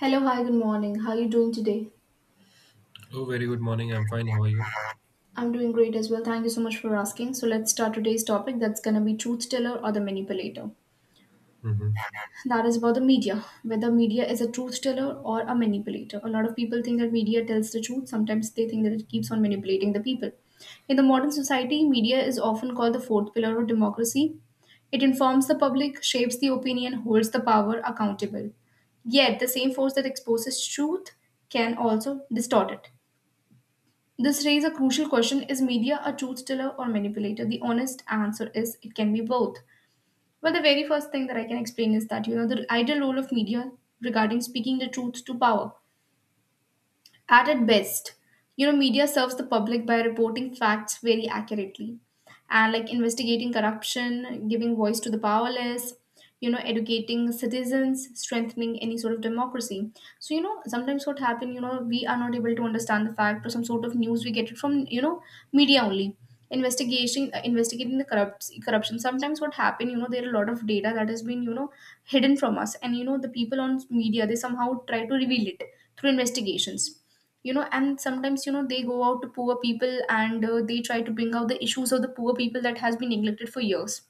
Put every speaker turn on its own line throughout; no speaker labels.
Hello, hi, good morning. How are you doing today?
Oh, very good morning. I'm fine. How are you?
I'm doing great as well. Thank you so much for asking. So let's start today's topic that's going to be truth teller or the manipulator.
Hmm.
That is about the media, whether media is a truth teller or a manipulator. A lot of people think that media tells the truth. Sometimes they think that it keeps on manipulating the people. In the modern society, media is often called the fourth pillar of democracy. It informs the public, shapes the opinion, holds the power accountable. Yet, the same force that exposes truth can also distort it. This raises a crucial question. Is media a truth teller or manipulator? The honest answer is it can be both. Well, the very first thing that I can explain is that, you know, the ideal role of media regarding speaking the truth to power. At its best, you know, media serves the public by reporting facts very accurately and like investigating corruption, giving voice to the powerless, you know, educating citizens, strengthening any sort of democracy. So, you know, sometimes what happen, you know, we are not able to understand the fact or some sort of news we get it from, you know, media only. Investigation, investigating the corruption. Sometimes what happen, you know, there are a lot of data that has been, you know, hidden from us, and you know, the people on media they somehow try to reveal it through investigations, you know. And sometimes, you know, they go out to poor people and they try to bring out the issues of the poor people that has been neglected for years.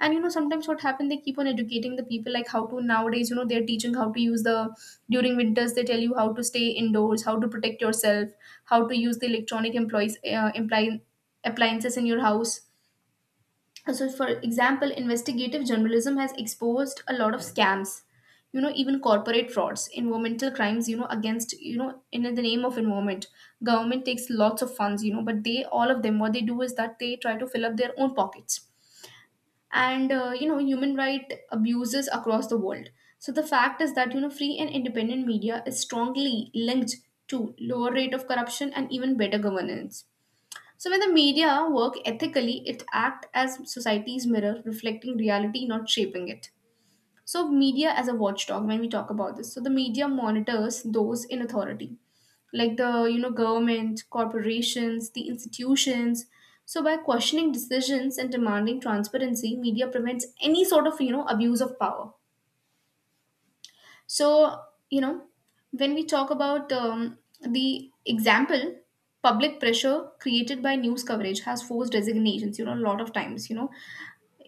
And you know sometimes what happened, they keep on educating the people, like how to nowadays, you know, they're teaching how to use the, during winters they tell you how to stay indoors, how to protect yourself, how to use the electronic appliances in your house. So for example, investigative journalism has exposed a lot of scams, you know, even corporate frauds, environmental crimes, you know, against, you know, in the name of environment, government takes lots of funds, you know, but they, all of them, what they do is that they try to fill up their own pockets, and you know, human right abuses across the world. So the fact is that, you know, free and independent media is strongly linked to lower rate of corruption and even better governance. So when the media work ethically, it acts as society's mirror, reflecting reality, not shaping it. So media as a watchdog, when we talk about this, so the media monitors those in authority, like the, you know, government, corporations, the institutions. So by questioning decisions and demanding transparency, media prevents any sort of, you know, abuse of power. So, you know, when we talk about the example, public pressure created by news coverage has forced resignations, you know, a lot of times, you know.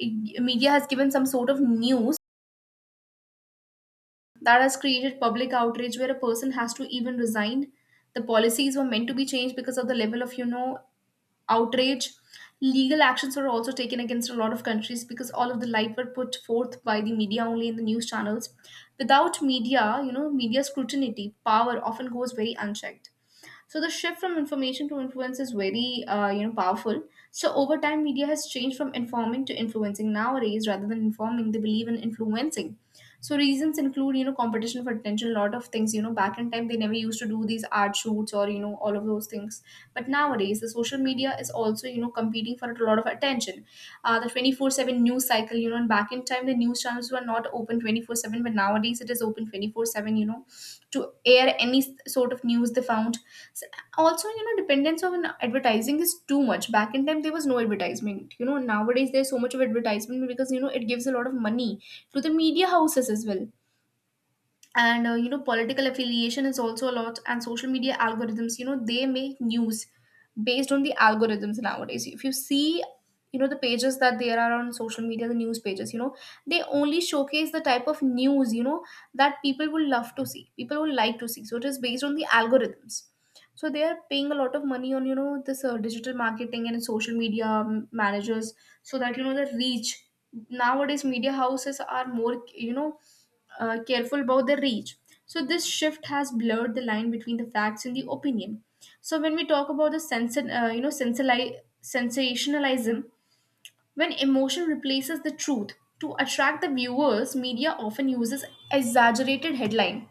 Media has given some sort of news that has created public outrage where a person has to even resign. The policies were meant to be changed because of the level of, you know, outrage. Legal actions were also taken against a lot of countries because all of the light were put forth by the media only in the news channels. Without media, you know, media scrutiny, power often goes very unchecked. So the shift from information to influence is very, you know, powerful. So over time, media has changed from informing to influencing. Nowadays, rather than informing, they believe in influencing. So reasons include, you know, competition for attention, a lot of things. You know, back in time, they never used to do these ad shoots or, you know, all of those things, but nowadays the social media is also, you know, competing for a lot of attention. The 24/7 news cycle, you know, and back in time the news channels were not open 24/7, but nowadays it is open 24/7, you know, to air any sort of news they found. S- Also, you know, dependence on advertising is too much. Back in time there was no advertisement, you know. Nowadays there's so much of advertisement, because you know it gives a lot of money to the media houses as well. And you know, political affiliation is also a lot, and social media algorithms, you know, they make news based on the algorithms. Nowadays if you see, you know, the pages that there are on social media, the news pages, you know, they only showcase the type of news, you know, that people will love to see, people will like to see, so it is based on the algorithms. So they are paying a lot of money on, you know, this digital marketing and social media managers, so that, you know, the reach. Nowadays, media houses are more, you know, careful about the reach. So this shift has blurred the line between the facts and the opinion. So when we talk about the sensationalism, when emotion replaces the truth to attract the viewers, media often uses exaggerated headline.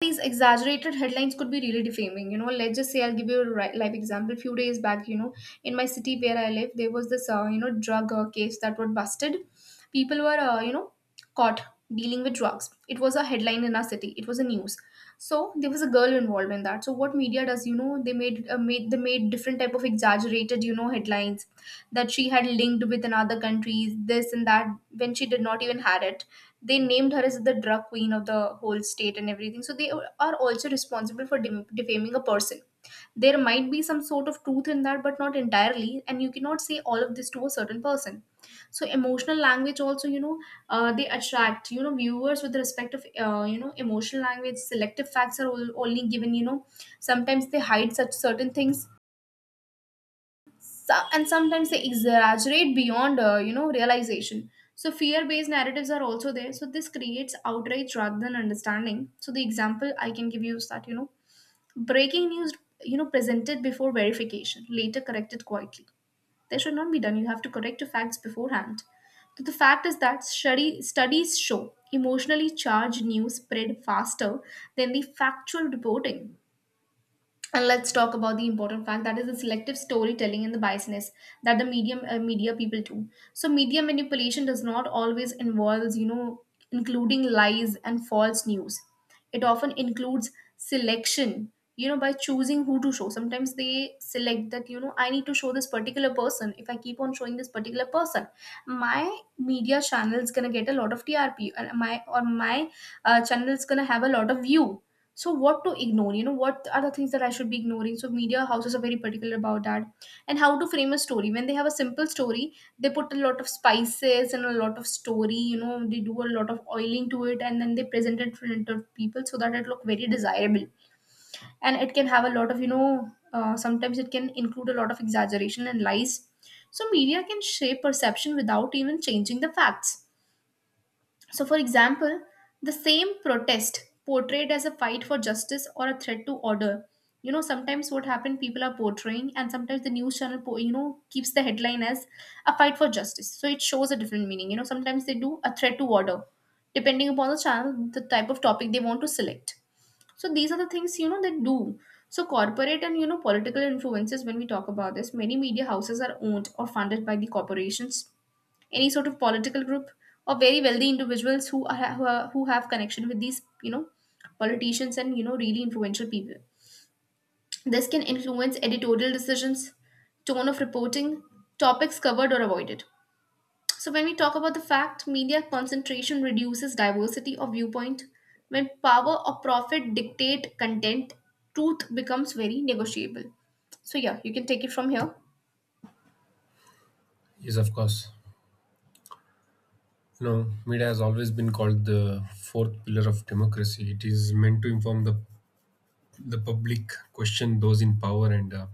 These exaggerated headlines could be really defaming, you know. Let's just say I'll give you a live example. Few days back, you know, in my city where I live, there was this you know, drug case that was busted. People were, you know, caught dealing with drugs. It was a headline in our city, it was a news. So there was a girl involved in that. So what media does, you know, they made made they made different type of exaggerated, you know, headlines that she had linked with another countries, this and that, when she did not even had it. They named her as the drug queen of the whole state and everything. So they are also responsible for defaming a person. There might be some sort of truth in that, but not entirely, and you cannot say all of this to a certain person. So emotional language also, you know, they attract, you know, viewers with respect of, you know, emotional language. Selective facts are all, only given, you know. Sometimes they hide such certain things. So, and sometimes they exaggerate beyond, you know, realization. So fear based narratives are also there, so this creates outrage rather than understanding. So the example I can give you is that, you know, breaking news, you know, presented before verification, later corrected quietly. That should not be done. You have to correct your facts beforehand. So the fact is that studies show emotionally charged news spread faster than the factual reporting. And let's talk about the important fact, that is the selective storytelling and the biasness that the medium media people do. So media manipulation does not always involves, you know, including lies and false news. It often includes selection, you know, by choosing who to show. Sometimes they select that, you know, I need to show this particular person. If I keep on showing this particular person, my media channel is going to get a lot of TRP, and my channel is going to have a lot of view. So what to ignore, you know, what are the things that I should be ignoring. So media houses are very particular about that. And how to frame a story, when they have a simple story, they put a lot of spices and a lot of story, you know, they do a lot of oiling to it, and then they present it in front of people so that it look very desirable. And it can have a lot of, you know, sometimes it can include a lot of exaggeration and lies. So media can shape perception without even changing the facts. So, for example, the same protest portrayed as a fight for justice or a threat to order. You know, sometimes what happened, people are portraying, and sometimes the news channel, you know, keeps the headline as a fight for justice. So it shows a different meaning. You know, sometimes they do a threat to order, depending upon the channel, the type of topic they want to select. So these are the things, you know, they do. So corporate and, political influences, when we talk about this, many media houses are owned or funded by the corporations, any sort of political group or very wealthy individuals who have connection with these, politicians and really influential people. This can influence editorial decisions, tone of reporting, topics covered or avoided. So when we talk about the fact, media concentration reduces diversity of viewpoint. When power or profit dictate content, truth becomes very negotiable. So yeah, you can take it from here.
Yes, of course. You know, media has always been called the fourth pillar of democracy. It is meant to inform the public, question those in power, and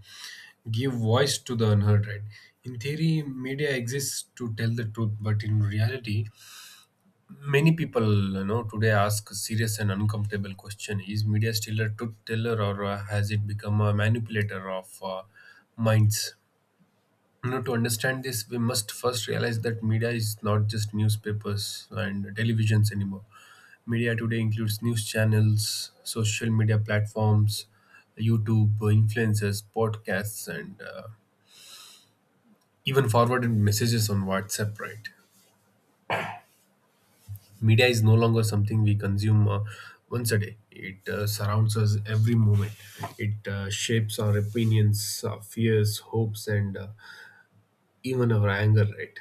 give voice to the unheard. Right? In theory, media exists to tell the truth, but in reality, many people, you know, today ask a serious and uncomfortable question: is media still a truth teller, or has it become a manipulator of minds? You know, to understand this we must first realize that media is not just newspapers and televisions anymore. Media today includes news channels, social media platforms, YouTube influencers, podcasts, and even forwarded messages on WhatsApp, right? Media is no longer something we consume once a day. It surrounds us every moment. It shapes our opinions, our fears, hopes, and even our anger, right?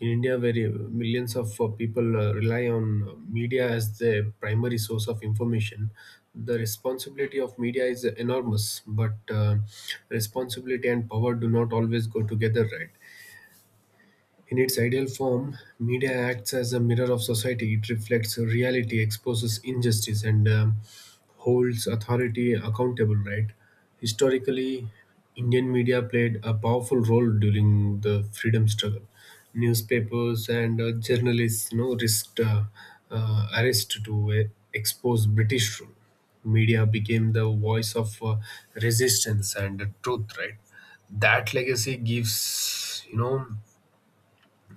In India, where millions of people rely on media as their primary source of information, the responsibility of media is enormous. But responsibility and power do not always go together, right? In its ideal form, media acts as a mirror of society. It reflects reality, exposes injustice, and holds authority accountable, right? Historically, Indian media played a powerful role during the freedom struggle. Newspapers and journalists, you know, risked arrest to expose British rule. Media became the voice of resistance and truth, right? That legacy gives, you know,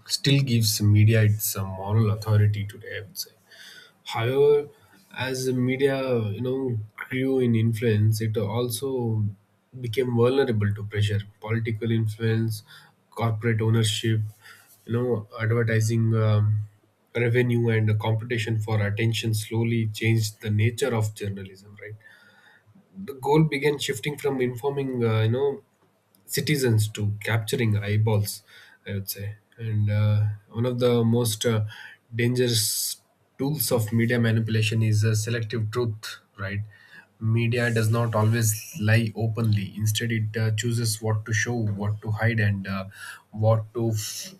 still gives media its moral authority today, I would say. However, as the media, you know, grew in influence, it also became vulnerable to pressure, political influence, corporate ownership, you know, advertising revenue, and competition for attention slowly changed the nature of journalism. Right, the goal began shifting from informing, you know, citizens to capturing eyeballs, I would say. And one of the most dangerous tools of media manipulation is selective truth, right? Media does not always lie openly. Instead, it chooses what to show, what to hide, and what to f-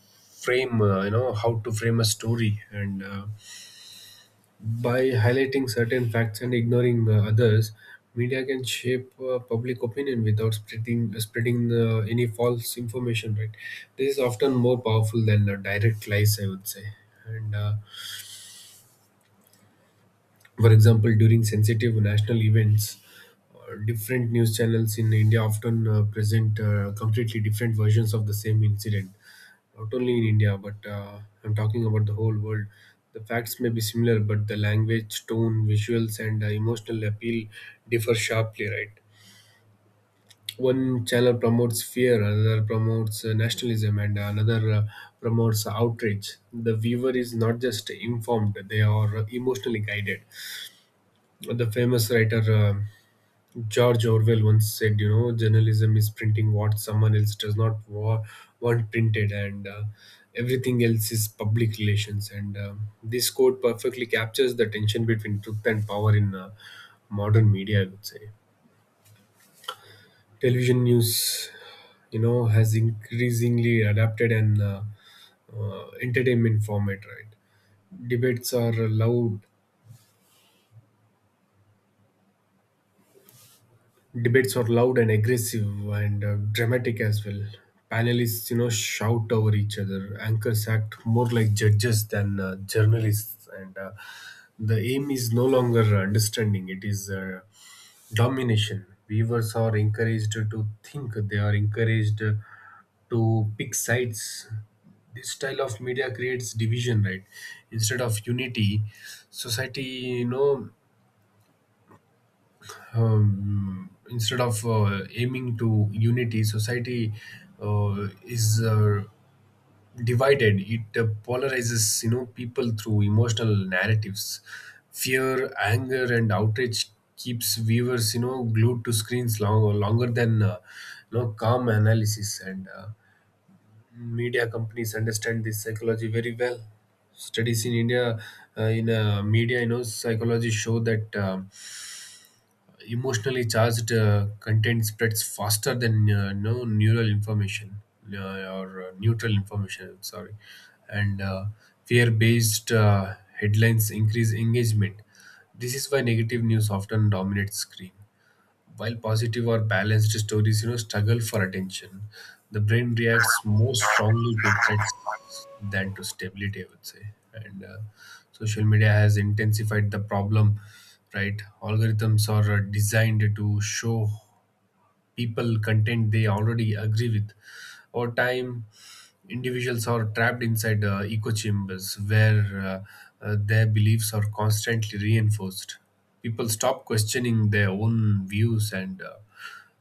frame, you know, how to frame a story. And by highlighting certain facts and ignoring others, media can shape public opinion without spreading any false information. Right, this is often more powerful than direct lies, I would say. And for example, during sensitive national events, different news channels in India often present completely different versions of the same incident, not only in India, but I'm talking about the whole world. The facts may be similar, but the language, tone, visuals, and emotional appeal differ sharply, right? One channel promotes fear, another promotes nationalism, and another promotes outrage. The viewer is not just informed, they are emotionally guided. The famous writer George Orwell once said, you know, journalism is printing what someone else does not want printed, and everything else is public relations. And this quote perfectly captures the tension between truth and power in modern media, I would say. Television news, you know, has increasingly adapted an entertainment format, right? Debates are loud, Debates are loud and aggressive and dramatic as well. Panelists, you know, shout over each other. Anchors act more like judges than journalists, and the aim is no longer understanding; it is domination. Viewers are encouraged to think; they are encouraged to pick sides. This style of media creates division, right? Instead of unity, society, you know, instead of aiming to unity, society is divided. It polarizes, you know, people through emotional narratives. Fear, anger, and outrage keeps viewers, you know, glued to screens longer than, you know, calm analysis. And media companies understand this psychology very well. Studies in India in media, you know, psychology show that emotionally charged content spreads faster than no neural information uh, or neutral information, sorry, and fear-based headlines increase engagement. This is why negative news often dominates screen, while positive or balanced stories, you know, struggle for attention. The brain reacts more strongly to threats than to stability, I would say. And social media has intensified the problem, right? Algorithms are designed to show people content they already agree with. Over time, individuals are trapped inside echo chambers where their beliefs are constantly reinforced. People stop questioning their own views and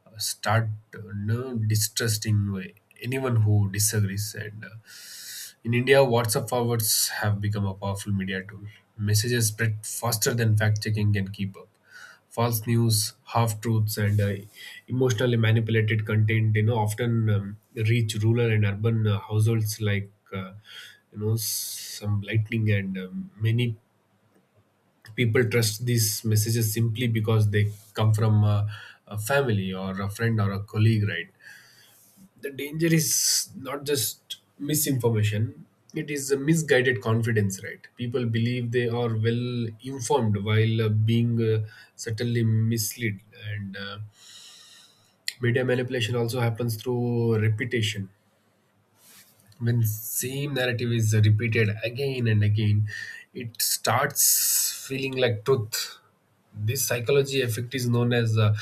start no, distrusting anyone who disagrees. And in India, WhatsApp forwards have become a powerful media tool. Messages spread faster than fact checking can keep up. False news, half truths, and emotionally manipulated content, you know, often reach rural and urban households like, you know, some lightning, and many people trust these messages simply because they come from a family or a friend or a colleague, right? The danger is not just misinformation, it is a misguided confidence. Right, people believe they are well informed while being certainly misled. And media manipulation also happens through repetition. When same narrative is repeated again and again, it starts feeling like truth. This psychology effect is known as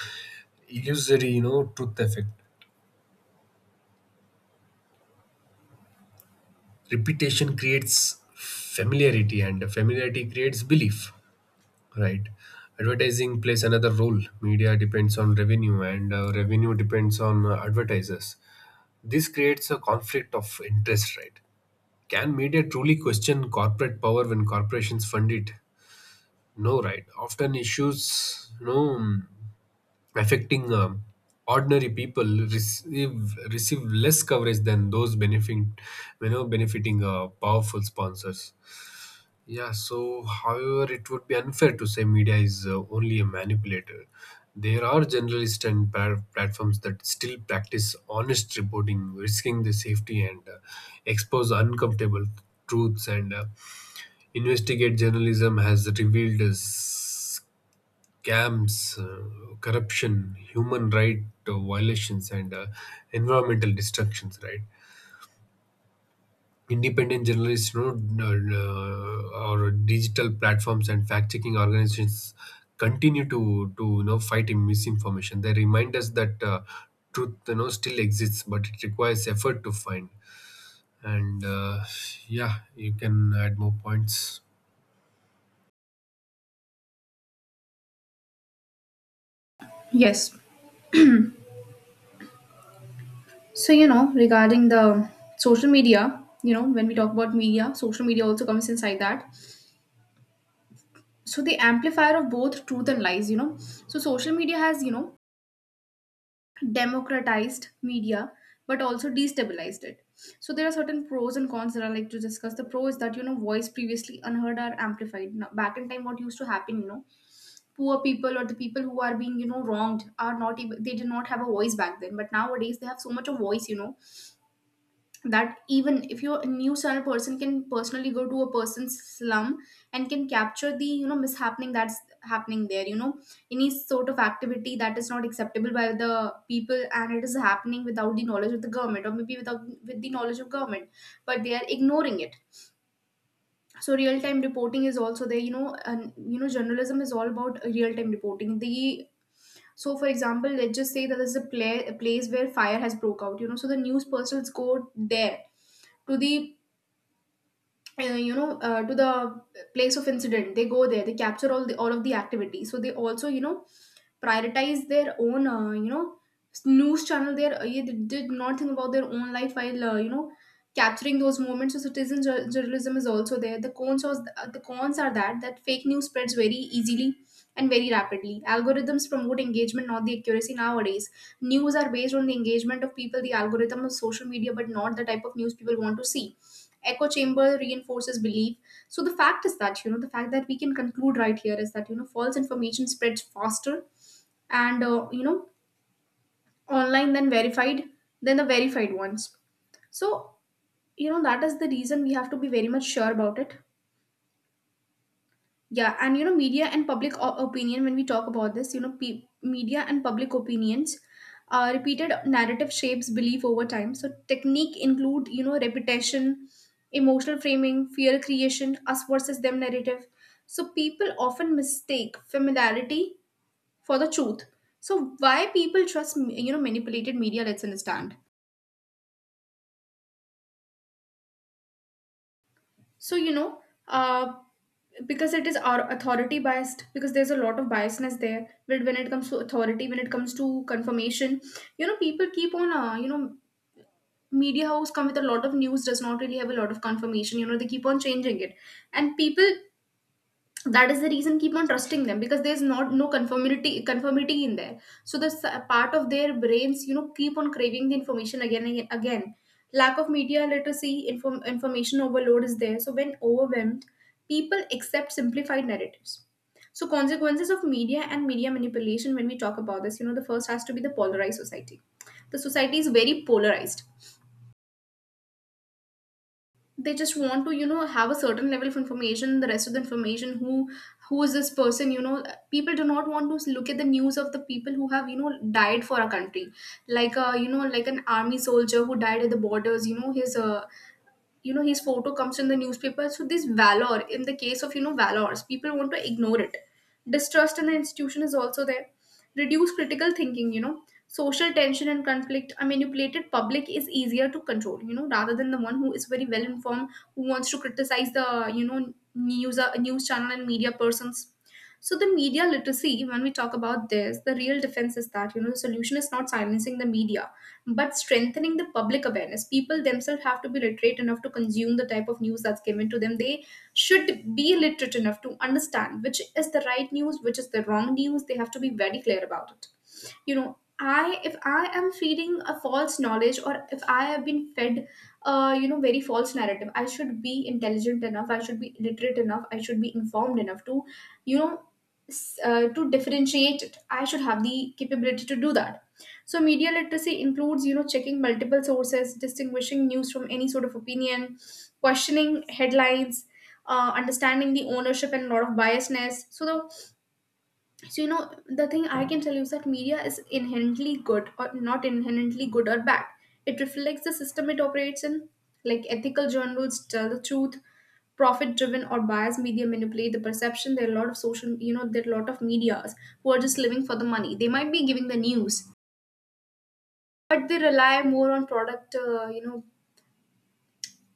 illusory, you know, truth effect. Repetition creates familiarity, and familiarity creates belief, right? Advertising plays another role. Media depends on revenue, and revenue depends on advertisers. This creates a conflict of interest, right? Can media truly question corporate power when corporations fund it? No, right. Often issues, no, affecting ordinary people receive less coverage than those benefiting, you know, benefiting powerful sponsors. Yeah. So, however, it would be unfair to say media is only a manipulator. There are journalists and platforms that still practice honest reporting, risking their safety and expose uncomfortable truths. And investigate journalism has revealed camps, corruption, human right violations, and environmental destructions. Right, independent journalists, you know, or digital platforms and fact-checking organizations continue to you know, fight in misinformation. They remind us that truth, you know, still exists, but it requires effort to find. And yeah, you can add more points.
Yes. So, you know, regarding the social media, you know, when we talk about media, social media also comes inside that. So, the amplifier of both truth and lies, you know. So, social media has, you know, democratized media, but also destabilized it. So, there are certain pros and cons that I like to discuss. The pro is that, you know, voice previously unheard are amplified. Now, back in time, what used to happen, you know, poor people or the people who are being, you know, wronged are not able, they did not have a voice back then. But nowadays, they have so much of voice, you know, that even if you're a news channel person, can personally go to a person's slum and can capture the, you know, mishappening that's happening there, you know, any sort of activity that is not acceptable by the people and it is happening without the knowledge of the government, or maybe without, with the knowledge of government, but they are ignoring it. So real time reporting is also there, you know, and you know, journalism is all about real time reporting. The, so for example, let's just say that there's a, a place where fire has broke out, you know. So the news persons go there, to the uh, you know, to the place of incident. They go there, they capture all the, all of the activities. So they also, you know, prioritize their own, news channel, their yeah, they did not think about their own life while, capturing those moments. So citizen journalism is also there. The cons are that, that fake news spreads very easily and very rapidly. Algorithms promote engagement, not the accuracy. Nowadays news are based on the engagement of people, the algorithm of social media, but not the type of news people want to see. Echo chamber reinforces belief. So the fact is that, you know, the fact that we can conclude right here is that, you know, false information spreads faster and you know, online then verified, then the verified ones. So you know, that is the reason we have to be very much sure about it. Yeah, and you know, media and public opinion, when we talk about this, you know, media and public opinions, repeated narrative shapes belief over time. So technique include, you know, repetition, emotional framing, fear creation, us versus them narrative. So people often mistake familiarity for the truth. So why people trust, you know, manipulated media? Let's understand. So you know, uh, because it is our authority biased. Because there's a lot of biasness there. When it comes to authority, when it comes to confirmation, you know, people keep on, media house come with a lot of news, does not really have a lot of confirmation. You know, they keep on changing it, and people, that is the reason, keep on trusting them, because there's not, no conformity in there. So the part of their brains, you know, keep on craving the information again and again. Lack of media literacy, information overload is there, so when overwhelmed, people accept simplified narratives. So consequences of media and media manipulation, when we talk about this, you know, the first has to be the polarized society. The society is very polarized. They just want to, you know, have a certain level of information. The rest of the information, who is this person, you know, people do not want to look at the news of the people who have, you know, died for our country, like you know, like an army soldier who died at the borders, you know, his you know, his photo comes in the newspaper. So this valor, in the case of, you know, valors, people want to ignore it. Distrust in the institution is also there. Reduce critical thinking, you know, social tension and conflict. A manipulated public is easier to control, you know, rather than the one who is very well informed, who wants to criticize the, you know, news, news channel and media persons. So the media literacy, when we talk about this, the real defense is that, you know, the solution is not silencing the media, but strengthening the public awareness. People themselves have to be literate enough to consume the type of news that's given to them. They should be literate enough to understand which is the right news, which is the wrong news. They have to be very clear about it, you know. I if i am feeding a false knowledge, or if I have been fed, you know, very false narrative, I should be intelligent enough, I should be literate enough, I should be informed enough to, you know, to differentiate it. I should have the capability to do that. So media literacy includes, you know, checking multiple sources, distinguishing news from any sort of opinion, questioning headlines, understanding the ownership and lot of biasness. So you know, the thing I can tell you is that media is inherently good, or not inherently good or bad. It reflects the system it operates in. Like ethical journals tell the truth, profit driven or biased media manipulate the perception. There are a lot of social, you know, there are a lot of medias who are just living for the money. They might be giving the news, but they rely more on product,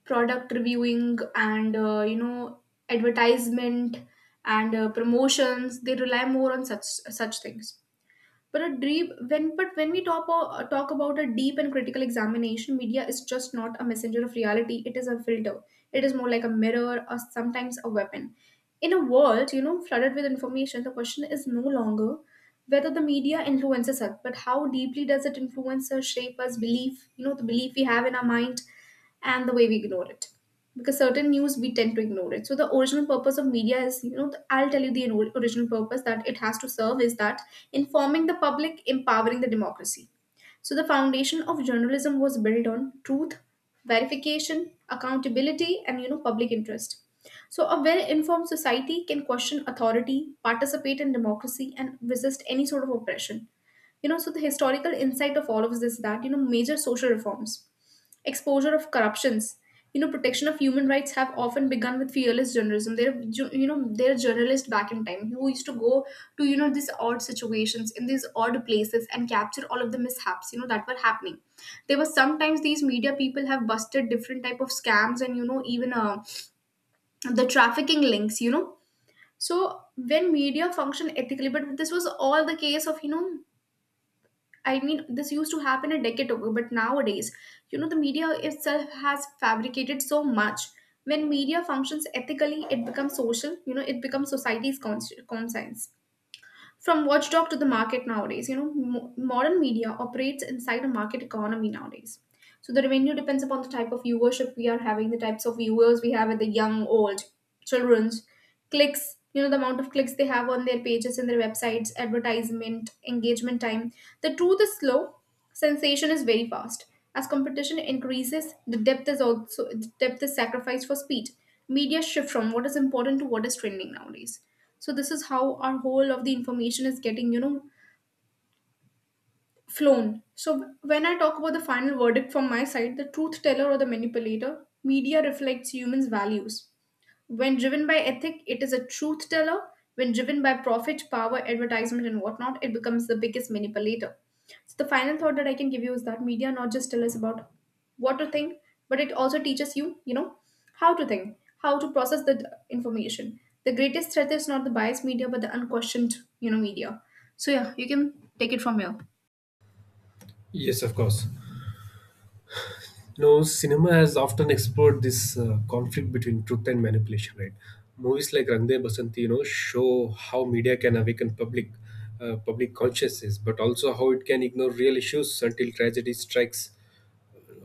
product reviewing and advertisement and promotions. They rely more on such, such things. But when we talk talk about a deep and critical examination, media is just not a messenger of reality. It is a filter. It is more like a mirror, or sometimes a weapon. In a world, you know, flooded with information, the question is no longer whether the media influences us, but how deeply does it influence us, shape us, belief, you know, the belief we have in our mind, and the way we ignore it, because certain news we tend to ignore it. So the original purpose of media is, you know, I'll tell you the original purpose that it has to serve is that informing the public, empowering the democracy. So the foundation of journalism was built on truth, verification, accountability, and you know, public interest. So a well informed society can question authority, participate in democracy, and resist any sort of oppression, you know. So the historical insight of all of this is that, you know, major social reforms, exposure of corruptions, you know, protection of human rights have often begun with fearless journalism. There are you know, there are journalists back in time who used to go to, you know, these odd situations in these odd places and capture all of the mishaps, you know, that were happening. There were sometimes these media people have busted different type of scams, and you know, even the trafficking links, you know. So when media function ethically, but this was all the case of, you know, I mean, this used to happen a decade ago, but nowadays, you know, the media itself has fabricated so much. When media functions ethically, it becomes social, you know, it becomes society's conscience. From watchdog to the market nowadays, you know, modern media operates inside a market economy nowadays. So the revenue depends upon the type of viewership we are having, the types of viewers we have, at the young, old, children's, clicks, you know, the amount of clicks they have on their pages and their websites, advertisement, engagement time. The truth is slow, sensation is very fast. As competition increases, the depth is also, the depth is sacrificed for speed. Media shift from what is important to what is trending nowadays. So this is how our whole of the information is getting, you know, flown. So, when I talk about the final verdict from my side, the truth teller or the manipulator, media reflects humans' values. When driven by ethic, it is a truth teller. When driven by profit, power, advertisement, and whatnot, it becomes the biggest manipulator. So, the final thought that I can give you is that media not just tell us about what to think, but it also teaches you, you know, how to think, how to process the information. The greatest threat is not the biased media, but the unquestioned, you know, media. So, yeah, you can take it from here.
Yes, of course. No, cinema has often explored this conflict between truth and manipulation, right? Movies like Rangde Basanti, you know, show how media can awaken public consciousness, but also how it can ignore real issues until tragedy strikes.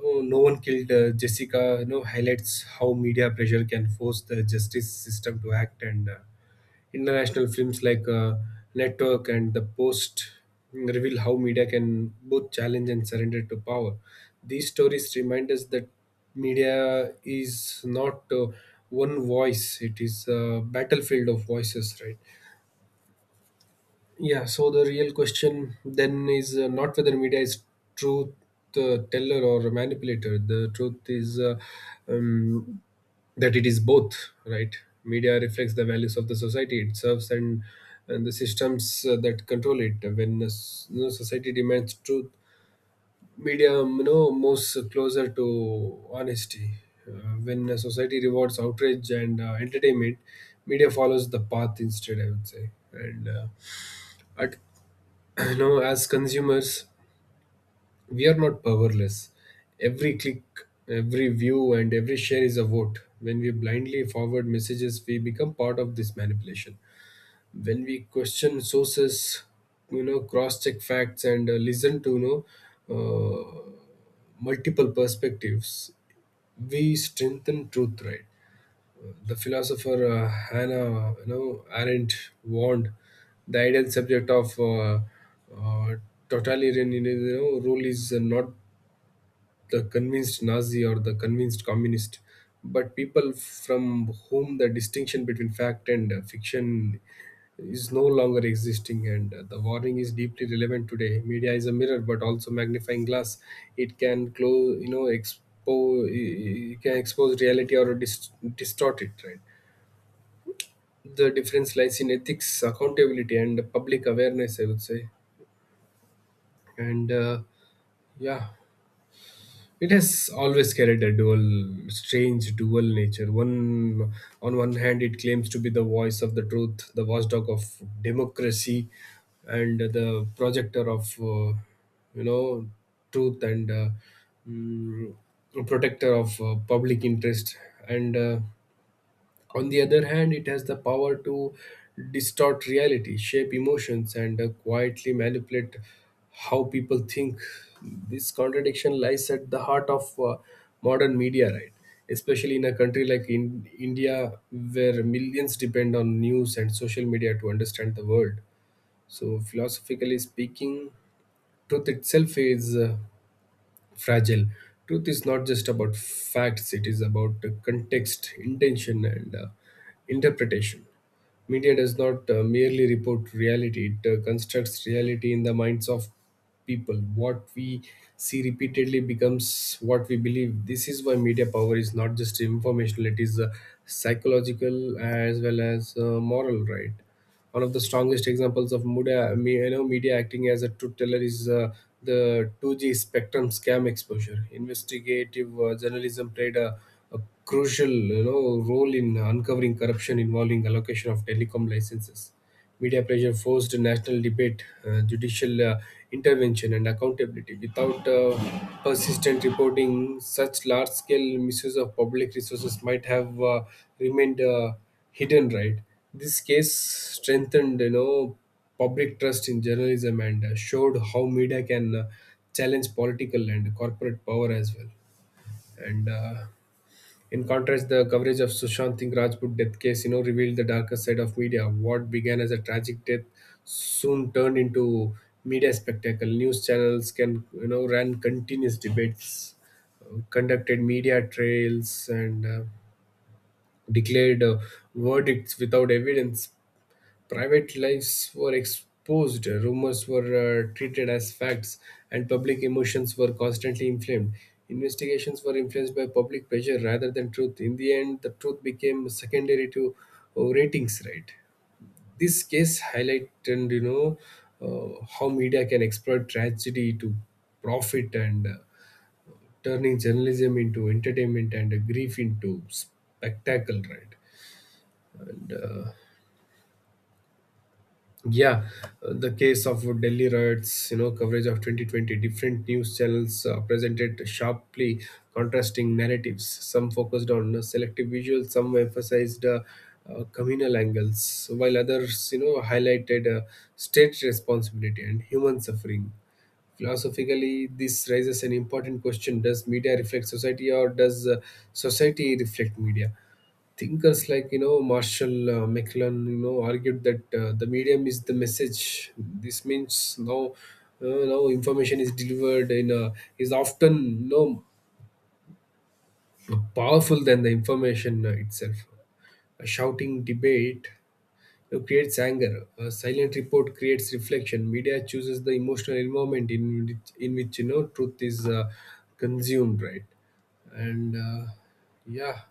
Oh, No One Killed Jessica, you know, highlights how media pressure can force the justice system to act. And international films like Network and The Post reveal how media can both challenge and surrender to power. These stories remind us that media is not one voice, it is a battlefield of voices, right? Yeah, so the real question then is not whether media is truth teller or manipulator. The truth is um, that it is both, right? Media reflects the values of the society it serves, and the systems that control it. When you know, society demands truth, media you know, moves closer to honesty. Uh, when a society rewards outrage and entertainment, media follows the path instead, I would say. And at, you know, as consumers we are not powerless. Every click, every view, and every share is a vote. When we blindly forward messages, we become part of this manipulation. When we question sources, you know, cross-check facts, and listen to you know multiple perspectives, we strengthen truth. Right? The philosopher Hannah, you know, Arendt warned the ideal subject of uh, totalitarian, you know, rule is not the convinced Nazi or the convinced communist, but people from whom the distinction between fact and fiction is no longer existing. And the warning is deeply relevant today. Media is a mirror but also magnifying glass. It can close you know expose it can expose reality or distort it, right? The difference lies in ethics, accountability, and public awareness, I would say. And yeah. It has always carried a strange dual nature. On one hand, it claims to be the voice of the truth, the watchdog of democracy, and the projector of, you know, truth and mm, protector of public interest. And on the other hand, it has the power to distort reality, shape emotions, and quietly manipulate how people think. This contradiction lies at the heart of modern media, right? Especially in a country like in India, where millions depend on news and social media to understand the world. So, philosophically speaking, truth itself is fragile. Truth is not just about facts, it is about the context, intention, and interpretation. Media does not merely report reality, it constructs reality in the minds of people. What we see repeatedly becomes what we believe. This is why media power is not just informational, it is psychological as well as moral, right? One of the strongest examples of media, media acting as a truth teller is the 2G Spectrum scam exposure. Investigative journalism played a crucial role in uncovering corruption involving allocation of telecom licenses. Media pressure forced national debate, judicial intervention, and accountability. Without persistent reporting, such large scale misuse of public resources might have remained hidden, right? This case strengthened public trust in journalism and showed how media can challenge political and corporate power as well. And In contrast, the coverage of Sushant Singh Rajput death case, revealed the darker side of media. What began as a tragic death soon turned into media spectacle. News channels can, ran continuous debates, conducted media trails, and declared verdicts without evidence. Private lives were exposed, rumors were treated as facts, and public emotions were constantly inflamed. Investigations were influenced by public pressure rather than truth. In the end, the truth became secondary to ratings, right? This case highlighted, how media can exploit tragedy to profit and turning journalism into entertainment and grief into spectacle, right? And uh, Yeah, the case of Delhi riots, coverage of 2020, different news channels presented sharply contrasting narratives. Some focused on selective visuals, some emphasized communal angles, while others, highlighted state responsibility and human suffering. Philosophically, this raises an important question: does media reflect society, or does society reflect media? Thinkers like Marshall McLuhan argued that the medium is the message. This means now information is delivered in a, is often no powerful than the information itself. A shouting debate creates anger. A silent report creates reflection. Media chooses the emotional environment in which truth is consumed, right? And yeah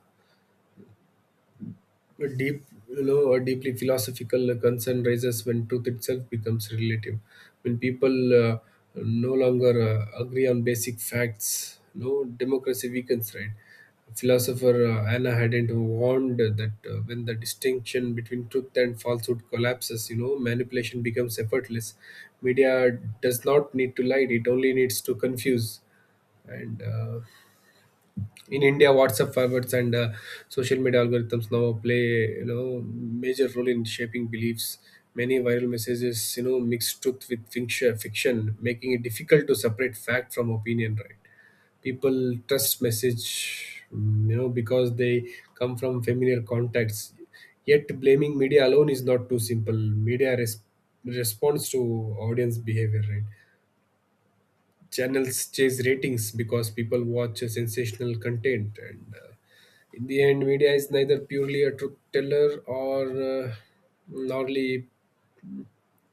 A a deeply philosophical concern raises when truth itself becomes relative. When people uh, no longer agree on basic facts, no democracy weakens, right? Philosopher Anna Hadent warned that when the distinction between truth and falsehood collapses, manipulation becomes effortless. Media does not need to lie; it only needs to confuse and in India, WhatsApp forwards and social media algorithms now play major role in shaping beliefs. Many viral messages, mix truth with fiction, making it difficult to separate fact from opinion. Right? People trust message, because they come from familiar contacts. Yet, blaming media alone is not too simple. Responds to audience behavior, right? Channels chase ratings because people watch a sensational content and in the end media is neither purely a truth teller or nor le-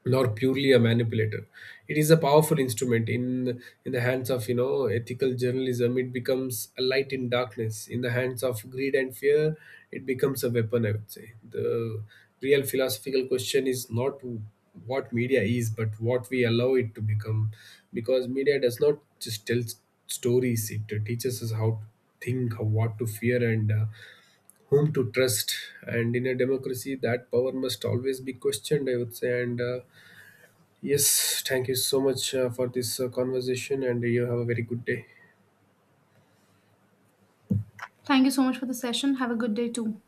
nor purely a manipulator. It is a powerful instrument in the hands of ethical journalism. It becomes a light in darkness. In the hands of greed and fear, it becomes a weapon. I would say the real philosophical question is not what media is, but what we allow it to become, because media does not just stories. It teaches us how to think, what to fear, and whom to trust. And in a democracy, that power must always be questioned. I would say and. Yes, thank you so much for this conversation, and you have a very good day.
Thank you so much for the session. Have a good day too.